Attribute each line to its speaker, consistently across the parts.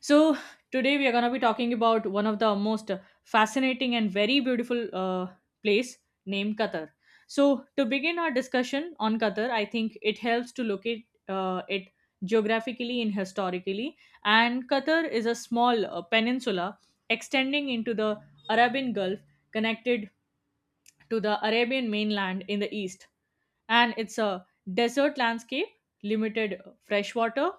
Speaker 1: So, today we are going to be talking about one of the most fascinating and very beautiful place named Qatar. So, to begin our discussion on Qatar, I think it helps to locate it geographically and historically. And Qatar is a small peninsula extending into the Arabian Gulf, connected to the Arabian mainland in the east, and it's a desert landscape, limited freshwater,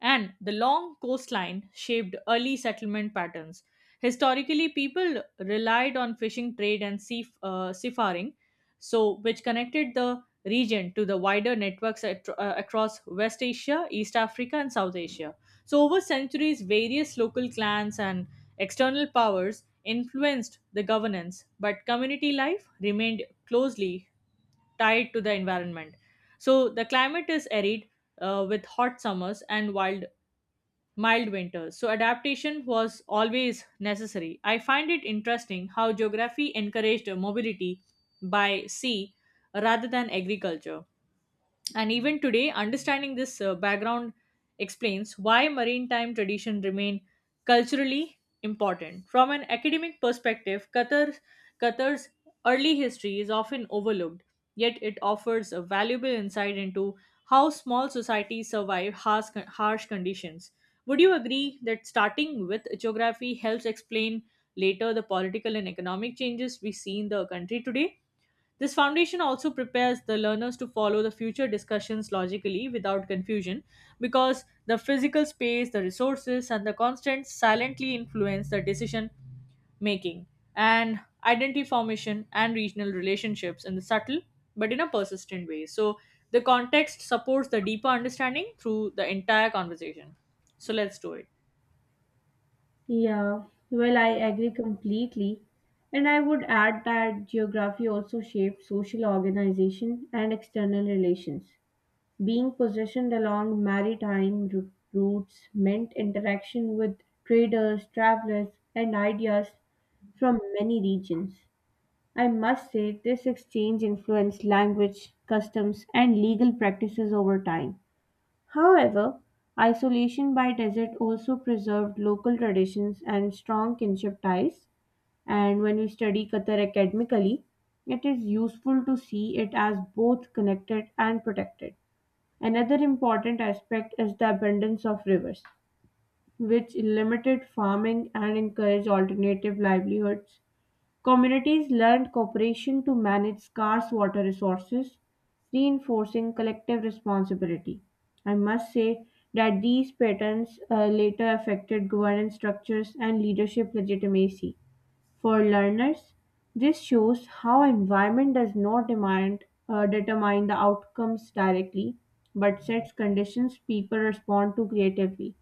Speaker 1: and the long coastline shaped early settlement patterns. Historically, people relied on fishing trade and seafaring, so which connected the region to the wider networks across West Asia, East Africa, and South Asia. So, over centuries, various local clans and external powers influenced the governance, but community life remained closely tied to the environment. So the climate is arid with hot summers and wild mild winters. So adaptation was always necessary. I find it interesting how geography encouraged mobility by sea rather than agriculture. And even today, understanding this background explains why maritime tradition remain culturally important. From an academic perspective, Qatar's early history is often overlooked, yet it offers a valuable insight into how small societies survive harsh conditions. Would you agree that starting with geography helps explain later the political and economic changes we see in the country today? This foundation also prepares the learners to follow the future discussions logically without confusion because the physical space, the resources, and the constants silently influence the decision making and identity formation and regional relationships in the subtle but in a persistent way. So, the context supports the deeper understanding through the entire conversation. So, let's do it.
Speaker 2: Yeah, well, I agree completely. And I would add that geography also shapes social organization and external relations. Being positioned along maritime routes meant interaction with traders, travelers, and ideas from many regions. I must say, this exchange influenced language, customs, and legal practices over time. However, isolation by desert also preserved local traditions and strong kinship ties. And when we study Qatar academically, it is useful to see it as both connected and protected. Another important aspect is the abundance of rivers, which limited farming and encouraged alternative livelihoods. Communities learned cooperation to manage scarce water resources, reinforcing collective responsibility. I must say that these patterns later affected governance structures and leadership legitimacy. For learners, this shows how environment does not determine the outcomes directly, but sets conditions people respond to creatively.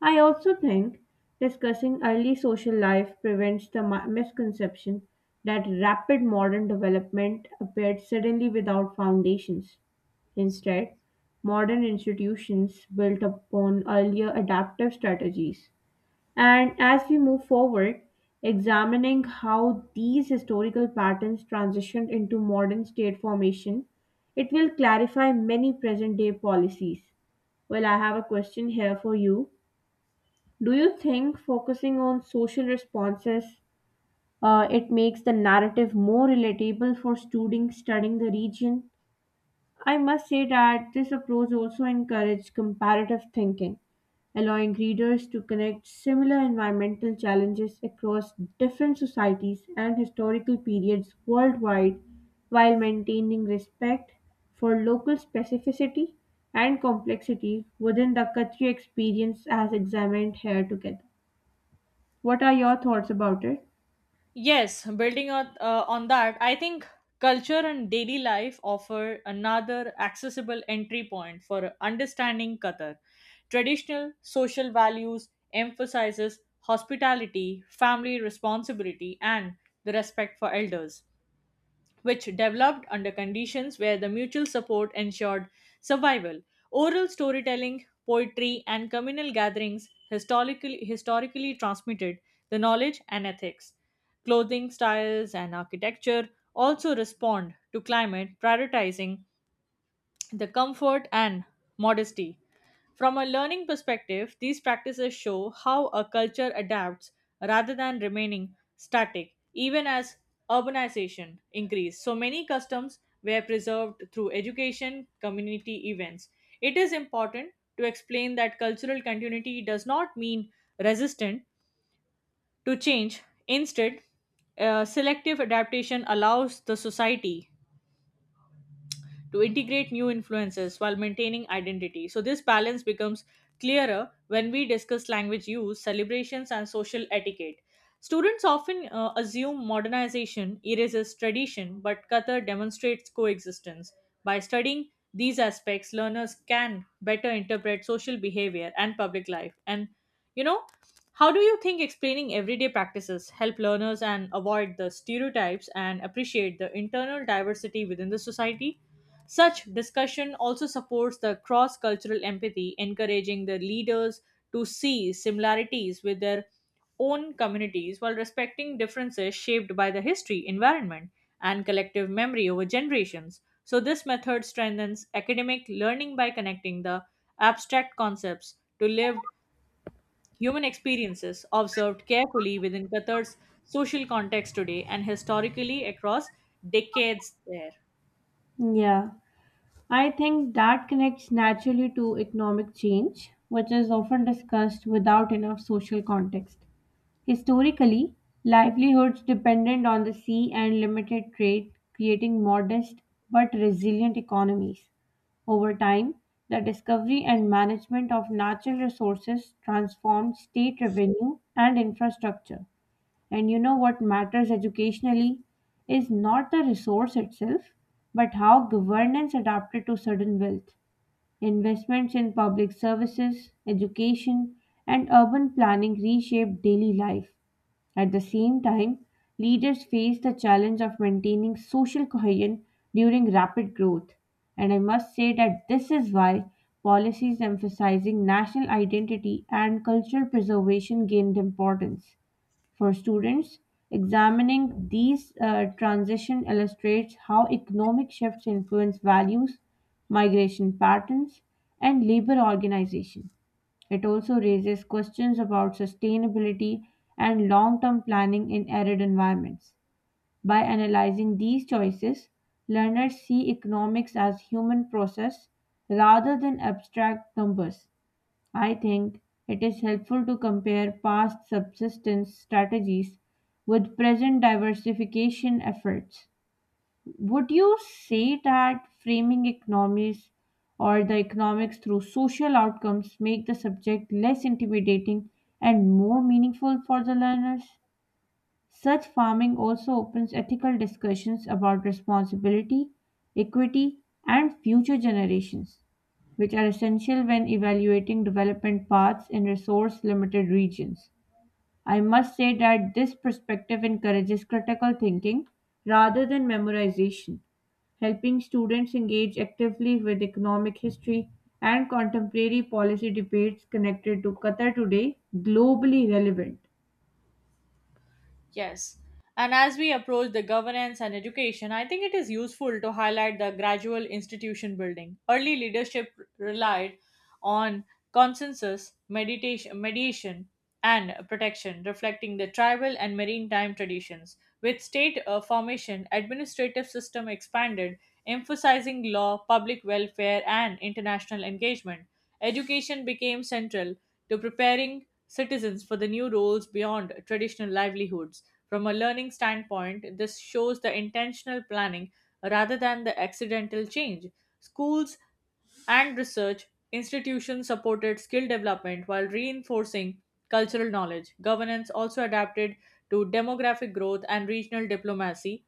Speaker 2: I also think discussing early social life prevents the misconception that rapid modern development appeared suddenly without foundations. Instead, modern institutions built upon earlier adaptive strategies. And as we move forward, examining how these historical patterns transitioned into modern state formation, it will clarify many present day policies. Well, I have a question here for you. Do you think focusing on social responses it makes the narrative more relatable for students studying the region? I must say that this approach also encourages comparative thinking, allowing readers to connect similar environmental challenges across different societies and historical periods worldwide while maintaining respect for local specificity and complexity within the Khatri experience as examined here together. What are your thoughts about it?
Speaker 1: Yes, building on that, I think culture and daily life offer another accessible entry point for understanding Qatar. Traditional social values emphasizes hospitality, family responsibility, and the respect for elders, which developed under conditions where the mutual support ensured survival. Oral storytelling, poetry, and communal gatherings historically transmitted the knowledge and ethics. Clothing styles and architecture also respond to climate, prioritizing the comfort and modesty. From a learning perspective, these practices show how a culture adapts rather than remaining static, even as urbanization increased. So many customs were preserved through education, community events. It is important to explain that cultural continuity does not mean resistant to change. Instead, selective adaptation allows the society to integrate new influences while maintaining identity. So, this balance becomes clearer when we discuss language use, celebrations, and social etiquette. Students often assume modernization erases tradition, but Qatar demonstrates coexistence. By studying these aspects, learners can better interpret social behavior and public life. And you know, how do you think explaining everyday practices help learners and avoid the stereotypes and appreciate the internal diversity within the society? Such discussion also supports the cross cultural empathy, encouraging the leaders to see similarities with their own communities while respecting differences shaped by the history, environment, and collective memory over generations. So, this method strengthens academic learning by connecting the abstract concepts to lived human experiences observed carefully within Qatar's social context today and historically across decades there.
Speaker 2: Yeah, I think that connects naturally to economic change, which is often discussed without enough social context. Historically, livelihoods depended on the sea and limited trade, creating modest but resilient economies. Over time, the discovery and management of natural resources transformed state revenue and infrastructure. And you know what matters educationally is not the resource itself, but how governance adapted to sudden wealth. Investments in public services, education, and urban planning reshape daily life. At the same time, leaders face the challenge of maintaining social cohesion during rapid growth. And I must say that this is why policies emphasizing national identity and cultural preservation gained importance. For students, examining these transitions illustrates how economic shifts influence values, migration patterns, and labor organization. It also raises questions about sustainability and long term planning in arid environments. By analyzing these choices, learners see economics as human process rather than abstract numbers. I think it is helpful to compare past subsistence strategies with present diversification efforts. Would you say that framing economies or the economics through social outcomes make the subject less intimidating and more meaningful for the learners? Such farming also opens ethical discussions about responsibility, equity, and future generations, which are essential when evaluating development paths in resource limited regions. I must say that this perspective encourages critical thinking rather than memorization, helping students engage actively with economic history and contemporary policy debates connected to Qatar today globally relevant.
Speaker 1: Yes. And as we approach the governance and education, I think it is useful to highlight the gradual institution building. Early leadership relied on consensus, meditation, mediation, and protection, reflecting the tribal and maritime traditions. With state formation, administrative system expanded, emphasizing law, public welfare, and international engagement. Education became central to preparing citizens for the new roles beyond traditional livelihoods. From a learning standpoint, this shows the intentional planning rather than the accidental change. Schools and research institutions supported skill development while reinforcing cultural knowledge. Governance also adapted to demographic growth and regional diplomacy,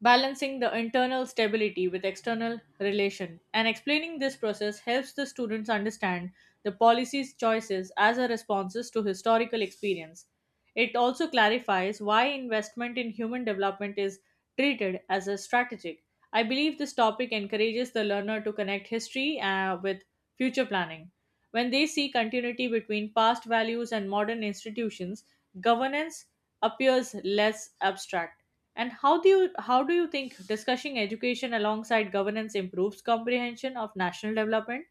Speaker 1: balancing the internal stability with external relation, and explaining this process helps the students understand the policy's choices as a responses to historical experience. It also clarifies why investment in human development is treated as a strategic. I believe this topic encourages the learner to connect history with future planning. When they see continuity between past values and modern institutions, governance appears less abstract. And how do you think discussing education alongside governance improves comprehension of national development?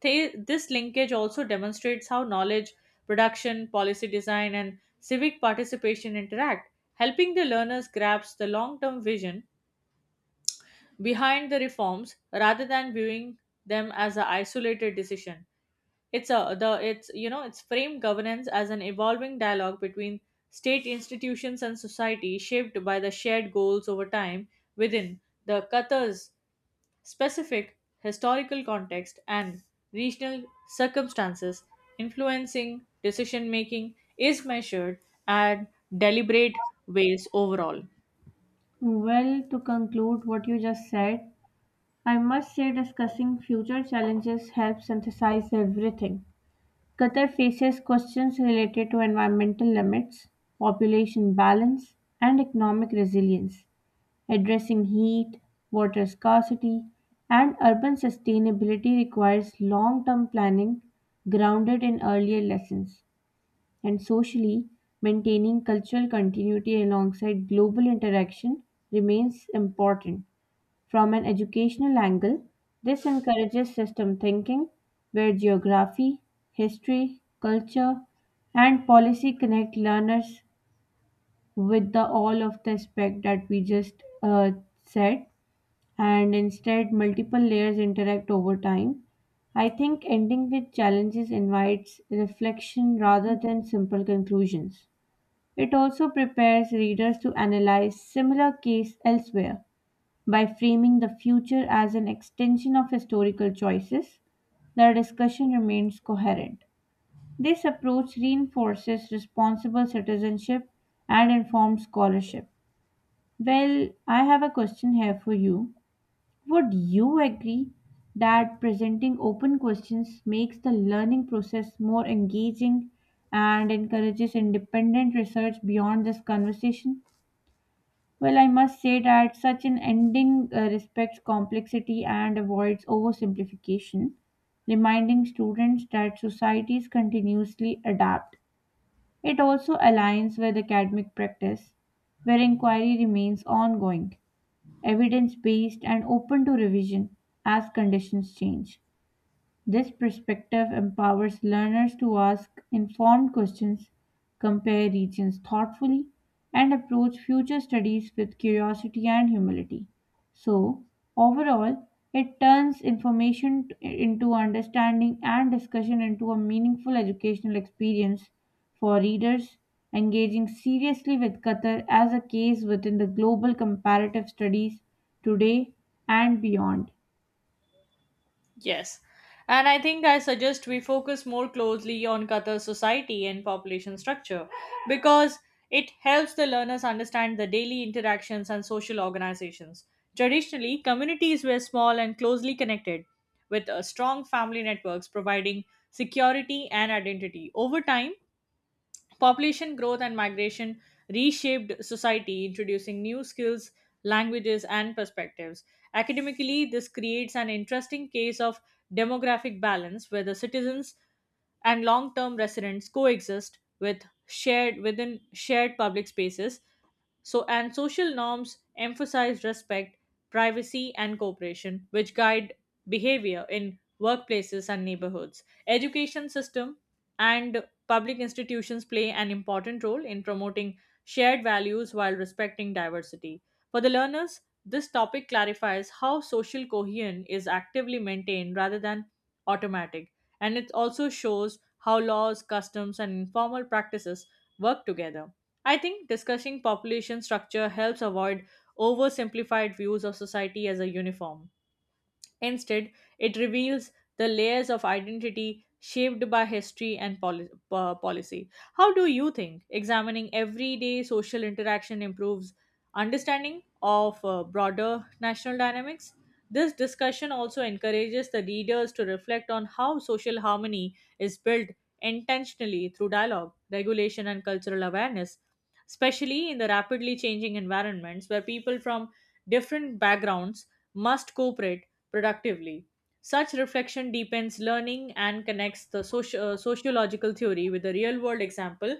Speaker 1: This linkage also demonstrates how knowledge production, policy design, and civic participation interact, helping the learners grasp the long-term vision behind the reforms rather than viewing them as an isolated decision. It's a the it's you know it's framed governance as an evolving dialogue between state institutions and society shaped by the shared goals over time within the Qatar's specific historical context, and regional circumstances influencing decision making is measured and deliberate ways overall.
Speaker 2: Well, to conclude what you just said, I must say discussing future challenges helps synthesize everything. Qatar faces questions related to environmental limits, population balance, and economic resilience. Addressing heat, water scarcity, and urban sustainability requires long term planning grounded in earlier lessons. And socially, maintaining cultural continuity alongside global interaction remains important. From an educational angle, this encourages system thinking, where geography, history, culture, and policy connect learners with the all of the aspect that we just said, and instead multiple layers interact over time. I think ending with challenges invites reflection rather than simple conclusions. It also prepares readers to analyze similar case elsewhere by framing the future as an extension of historical choices, the discussion remains coherent. This approach reinforces responsible citizenship and informed scholarship. Well, I have a question here for you. Would you agree that presenting open questions makes the learning process more engaging and encourages independent research beyond this conversation? Well, I must say that such an ending respects complexity and avoids oversimplification, reminding students that societies continuously adapt. It also aligns with academic practice, where inquiry remains ongoing, evidence based, and open to revision as conditions change. This perspective empowers learners to ask informed questions, compare regions thoughtfully, and approach future studies with curiosity and humility. So, overall, it turns information into understanding and discussion into a meaningful educational experience for readers, engaging seriously with Qatar as a case within the global comparative studies today and beyond.
Speaker 1: Yes. And I think I suggest we focus more closely on Qatar's society and population structure because it helps the learners understand the daily interactions and social organizations. Traditionally, communities were small and closely connected with strong family networks providing security and identity. Over time, population growth and migration reshaped society, introducing new skills, languages, and perspectives. Academically, this creates an interesting case of demographic balance where the citizens and long-term residents coexist within shared public spaces. So, and social norms emphasize respect, privacy, and cooperation, which guide behavior in workplaces and neighborhoods. Education system and public institutions play an important role in promoting shared values while respecting diversity. For the learners, this topic clarifies how social cohesion is actively maintained rather than automatic, and it also shows how laws, customs, and informal practices work together. I think discussing population structure helps avoid oversimplified views of society as a uniform. Instead, it reveals the layers of identity shaped by history and policy. How do you think examining everyday social interaction improves understanding of broader national dynamics? This discussion also encourages the readers to reflect on how social harmony is built intentionally through dialogue, regulation, and cultural awareness, especially in the rapidly changing environments where people from different backgrounds must cooperate productively. Such reflection deepens learning and connects the sociological theory with the real world example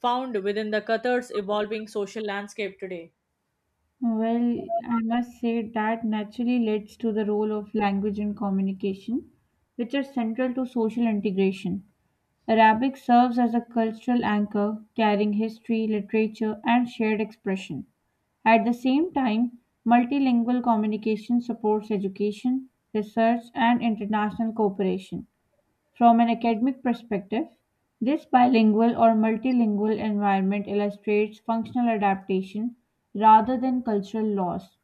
Speaker 1: found within the Qatar's evolving social landscape today.
Speaker 2: Well, I must say that naturally leads to the role of language and communication, which are central to social integration. Arabic serves as a cultural anchor, carrying history, literature, and shared expression. At the same time, multilingual communication supports education, research, and international cooperation. From an academic perspective, this bilingual or multilingual environment illustrates functional adaptation rather than cultural loss.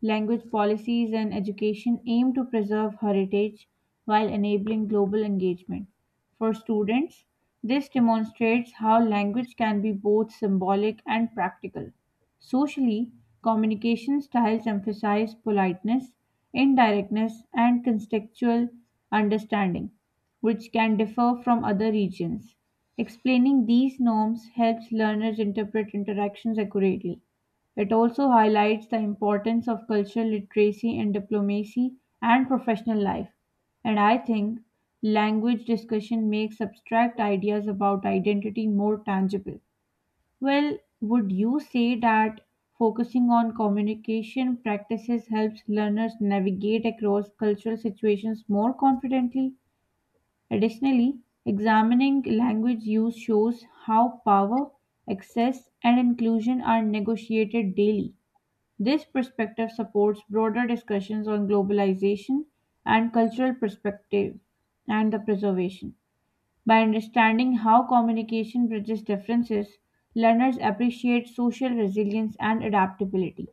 Speaker 2: Language policies and education aim to preserve heritage while enabling global engagement. For students, this demonstrates how language can be both symbolic and practical. Socially, communication styles emphasize politeness, indirectness, and contextual understanding, which can differ from other regions. Explaining these norms helps learners interpret interactions accurately. It also highlights the importance of cultural literacy in diplomacy and professional life. And I think language discussion makes abstract ideas about identity more tangible. Well, would you say that focusing on communication practices helps learners navigate across cultural situations more confidently? Additionally, examining language use shows how power, access, and inclusion are negotiated daily. This perspective supports broader discussions on globalization and cultural perspective and the preservation. By understanding how communication bridges differences, learners appreciate social resilience and adaptability.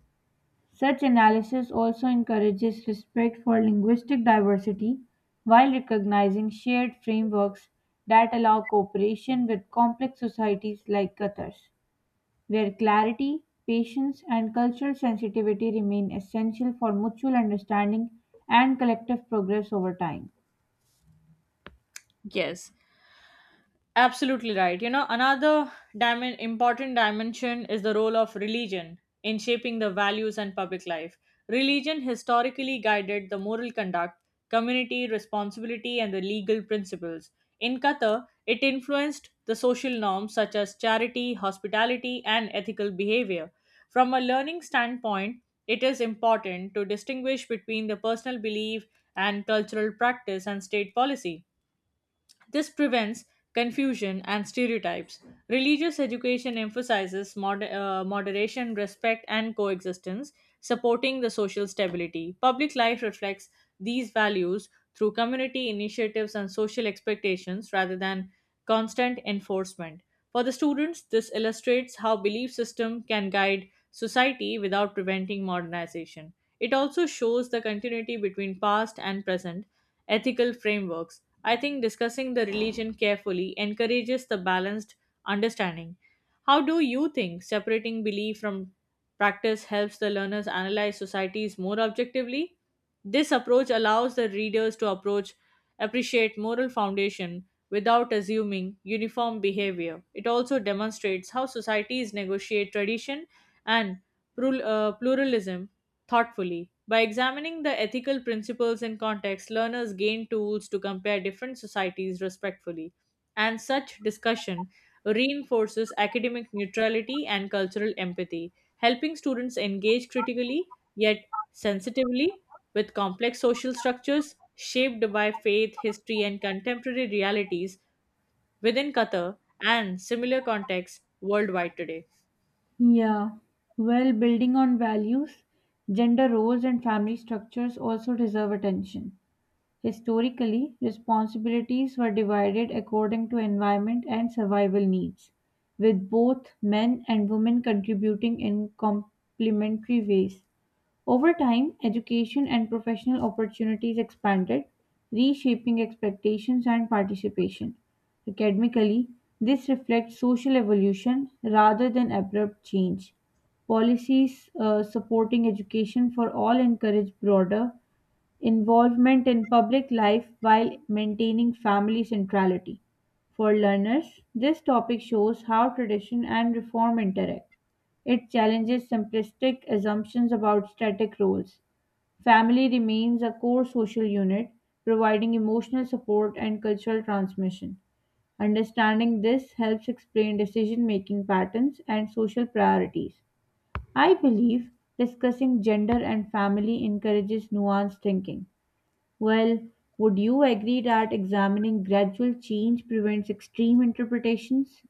Speaker 2: Such analysis also encourages respect for linguistic diversity while recognizing shared frameworks that allow cooperation with complex societies like Qatar's, where clarity, patience, and cultural sensitivity remain essential for mutual understanding and collective progress over time.
Speaker 1: Yes, absolutely right. You know, another important dimension is the role of religion in shaping the values and public life. Religion historically guided the moral conduct, community responsibility, and the legal principles. In Qatar, it influenced the social norms such as charity, hospitality, and ethical behavior. From a learning standpoint, it is important to distinguish between the personal belief and cultural practice and state policy. This prevents confusion and stereotypes. Religious education emphasizes moderation, respect, and coexistence, supporting the social stability. Public life reflects these values through community initiatives and social expectations rather than constant enforcement. For the students, this illustrates how belief system can guide society without preventing modernization. It also shows the continuity between past and present ethical frameworks. I think discussing the religion carefully encourages the balanced understanding. How do you think separating belief from practice helps the learners analyze societies more objectively? This approach allows the readers to approach appreciate moral foundation without assuming uniform behavior. It also demonstrates how societies negotiate tradition and pluralism thoughtfully. By examining the ethical principles in context, learners gain tools to compare different societies respectfully, and such discussion reinforces academic neutrality and cultural empathy, helping students engage critically yet sensitively with complex social structures shaped by faith, history, and contemporary realities within Qatar and similar contexts worldwide today.
Speaker 2: Yeah. Well, building on values, gender roles, and family structures also deserve attention. Historically, responsibilities were divided according to environment and survival needs, with both men and women contributing in complementary ways. Over time, education and professional opportunities expanded, reshaping expectations and participation. Academically, this reflects social evolution rather than abrupt change. Policies supporting education for all encourage broader involvement in public life while maintaining family centrality. For learners, this topic shows how tradition and reform interact it challenges simplistic assumptions about static roles; family remains a core social unit, providing emotional support and cultural transmission. Understanding this helps explain decision-making patterns and social priorities. I believe discussing gender and family encourages nuanced thinking. Well, would you agree that examining gradual change prevents extreme interpretations?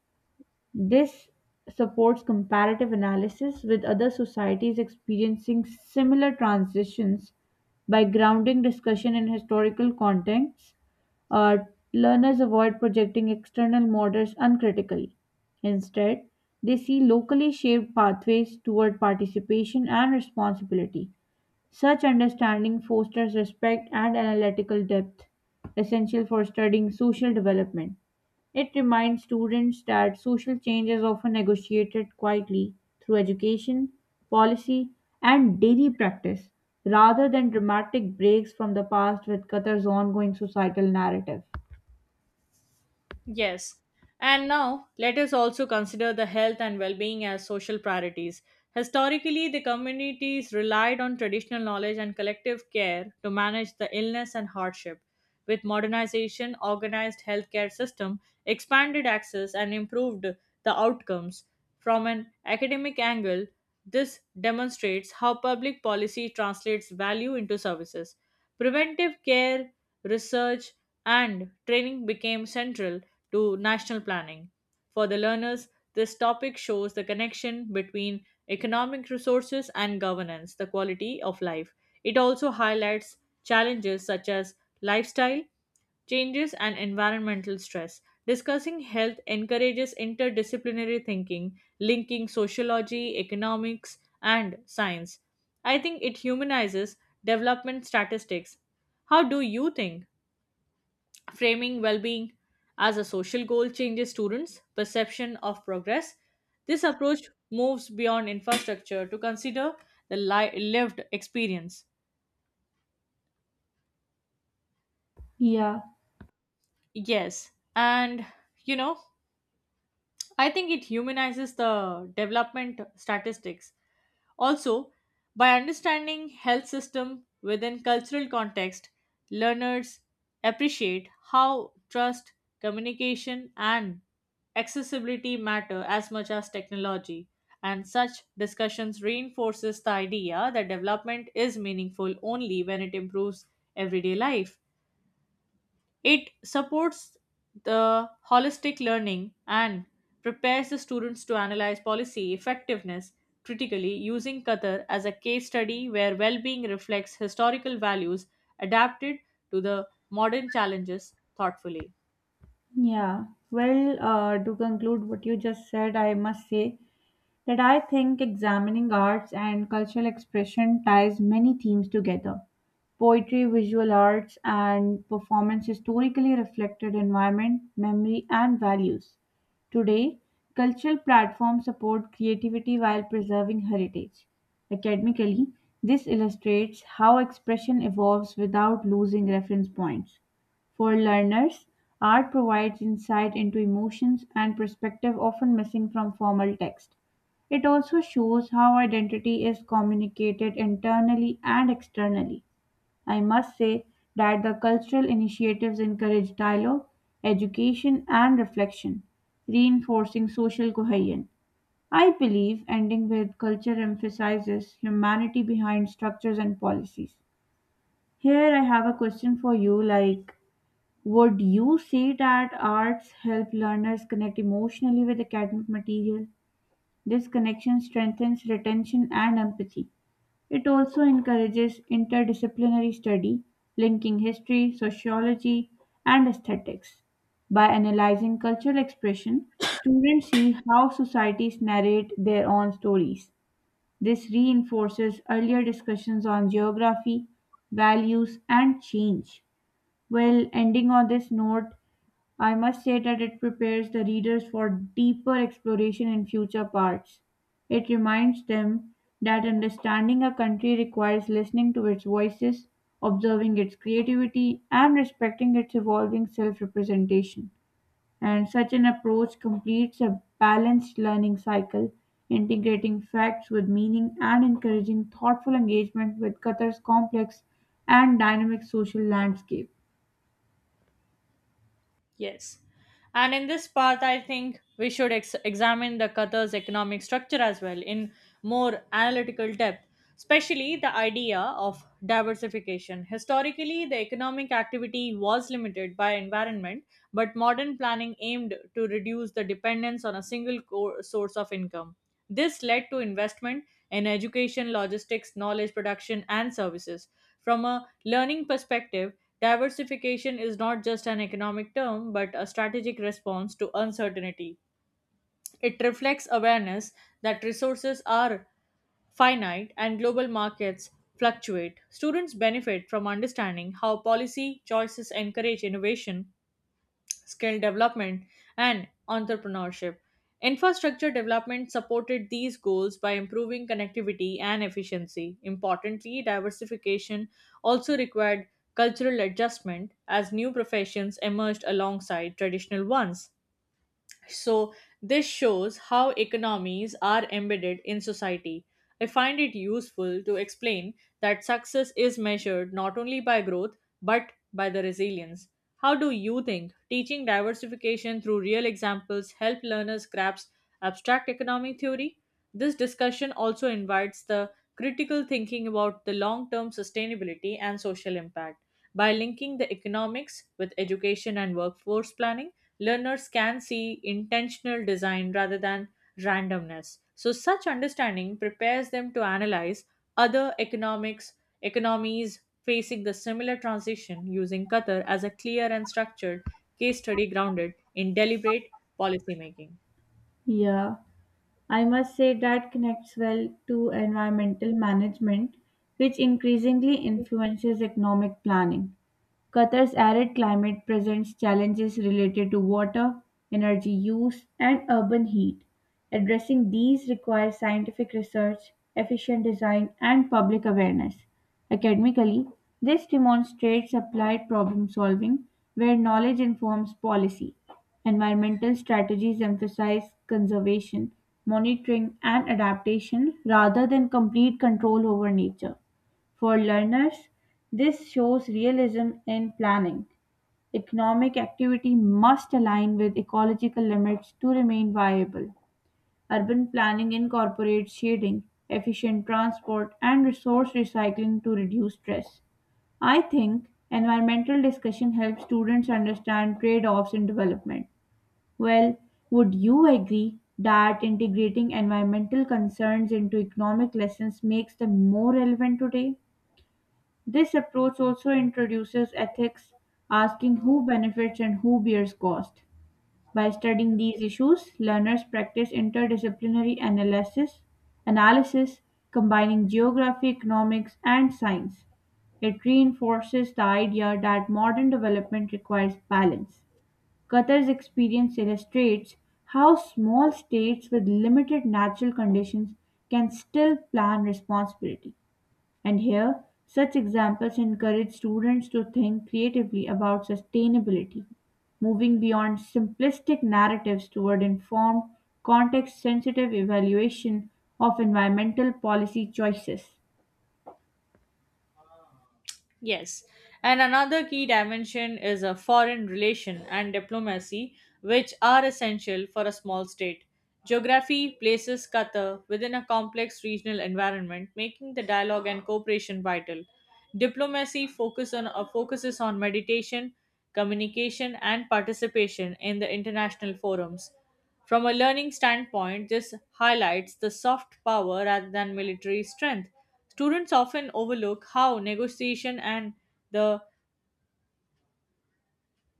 Speaker 2: This supports comparative analysis with other societies experiencing similar transitions by grounding discussion in historical contexts. Uh, Learners avoid projecting external models uncritically. Instead, they see locally shaped pathways toward participation and responsibility. Such understanding fosters respect and analytical depth, essential for studying social development. It reminds students that social change is often negotiated quietly through education, policy, and daily practice rather than dramatic breaks from the past with Qatar's ongoing societal narrative.
Speaker 1: Yes. And now, let us also consider the health and well being as social priorities. Historically, the communities relied on traditional knowledge and collective care to manage the illness and hardship. With modernization, organized healthcare system expanded access and improved the outcomes. From an academic angle, this demonstrates how public policy translates value into services. Preventive care, research, and training became central to national planning. For the learners, this topic shows the connection between economic resources and governance, the quality of life. It also highlights challenges such as lifestyle, changes and environmental stress. Discussing health encourages interdisciplinary thinking, linking sociology, economics, and science. I think it humanizes development statistics. How do you think? Framing well being as a social goal changes students' perception of progress. This approach moves beyond infrastructure to consider the lived experience.
Speaker 2: Yeah,
Speaker 1: Yes, and you know, I think it humanizes the development statistics. Also, by understanding health system within cultural context, learners appreciate how trust, communication, and accessibility matter as much as technology, and such discussions reinforces the idea that development is meaningful only when it improves everyday life. It supports the holistic learning and prepares the students to analyze policy effectiveness critically, using Qatar as a case study where well-being reflects historical values adapted to the modern challenges thoughtfully.
Speaker 2: yeah. Well, to conclude what you just said, I must say that I think examining arts and cultural expression ties many themes together. Poetry, visual arts, and performance historically reflected environment, memory, and values. Today, cultural platforms support creativity while preserving heritage. Academically, this illustrates how expression evolves without losing reference points. For learners, art provides insight into emotions and perspective often missing from formal text. It also shows how identity is communicated internally and externally. I must say that the cultural initiatives encourage dialogue, education, and reflection, reinforcing social cohesion. I believe ending with culture emphasizes humanity behind structures and policies. Here, I have a question for you like, would you say that arts help learners connect emotionally with academic material? This connection strengthens retention and empathy. It also encourages interdisciplinary study, linking history, sociology, and aesthetics. By analyzing cultural expression, students see how societies narrate their own stories. This reinforces earlier discussions on geography, values, and change. Well, ending on this note, I must say that it prepares the readers for deeper exploration in future parts. It reminds them that understanding a country requires listening to its voices, observing its creativity, and respecting its evolving self representation. And such an approach completes a balanced learning cycle, integrating facts with meaning and encouraging thoughtful engagement with Qatar's complex and dynamic social landscape.
Speaker 1: Yes. And in this part, I think we should examine the Qatar's economic structure as well in more analytical depth, especially the idea of diversification. Historically, the economic activity was limited by environment, but modern planning aimed to reduce the dependence on a single core source of income. This led to investment in education, logistics, knowledge production, and services. From a learning perspective, diversification is not just an economic term but a strategic response to uncertainty. It reflects awareness that resources are finite and global markets fluctuate. Students benefit from understanding how policy choices encourage innovation, skill development, and entrepreneurship. Infrastructure development supported these goals by improving connectivity and efficiency. Importantly, diversification also required cultural adjustment as new professions emerged alongside traditional ones. So, this shows how economies are embedded in society. I find it useful to explain that success is measured not only by growth but by the resilience. How do you think teaching diversification through real examples help learners grasp abstract economic theory? This discussion also invites the critical thinking about the long-term sustainability and social impact. By linking the economics with education and workforce planning, learners can see intentional design rather than randomness. So, such understanding prepares them to analyze other economics economies facing the similar transition, using Qatar as a clear and structured case study grounded in deliberate policymaking.
Speaker 2: Yeah. I must say that connects well to environmental management, which increasingly influences economic planning. Qatar's arid climate presents challenges related to water, energy use, and urban heat. Addressing these requires scientific research, efficient design, and public awareness. Academically, this demonstrates applied problem solving where knowledge informs policy. Environmental strategies emphasize conservation, monitoring, and adaptation rather than complete control over nature. For learners, this shows realism in planning. Economic activity must align with ecological limits to remain viable. Urban planning incorporates shading, efficient transport, and resource recycling to reduce stress. I think environmental discussion helps students understand trade offs in development. Well, would you agree that integrating environmental concerns into economic lessons makes them more relevant today? This approach also introduces ethics, asking who benefits and who bears cost. By studying these issues, learners practice interdisciplinary analysis, combining geography, economics, and science. It reinforces the idea that modern development requires balance. Qatar's experience illustrates how small states with limited natural conditions can still plan responsibly. And here, such examples encourage students to think creatively about sustainability, moving beyond simplistic narratives toward informed, context sensitive evaluation of environmental policy choices.
Speaker 1: Yes, and another key dimension is a foreign relation and diplomacy, which are essential for a small state. Geography places Qatar within a complex regional environment, making the dialogue and cooperation vital. Diplomacy focuses on mediation, communication, and participation in the international forums. From a learning standpoint, this highlights the soft power rather than military strength. Students often overlook how negotiation and the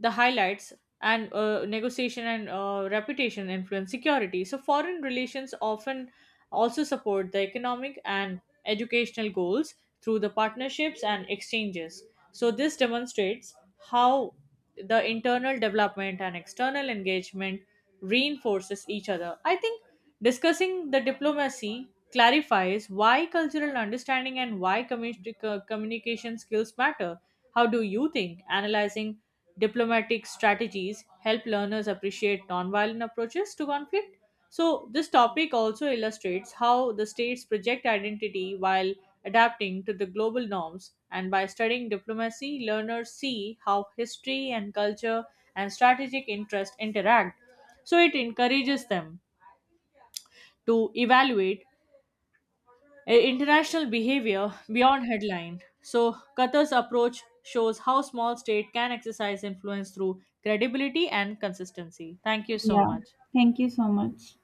Speaker 1: the highlights and negotiation and reputation influence security. So, foreign relations often also support the economic and educational goals through the partnerships and exchanges. So, this demonstrates how the internal development and external engagement reinforces each other. I think discussing the diplomacy clarifies why cultural understanding and why communication skills matter. How do you think analyzing diplomatic strategies help learners appreciate nonviolent approaches to conflict? So, this topic also illustrates how the states project identity while adapting to the global norms. And by studying diplomacy, learners see how history and culture and strategic interest interact. So, it encourages them to evaluate international behavior beyond headline. So, Qatar's approach shows how small state can exercise influence through credibility and consistency. Thank you so
Speaker 2: Yeah,
Speaker 1: much.
Speaker 2: thank you so much.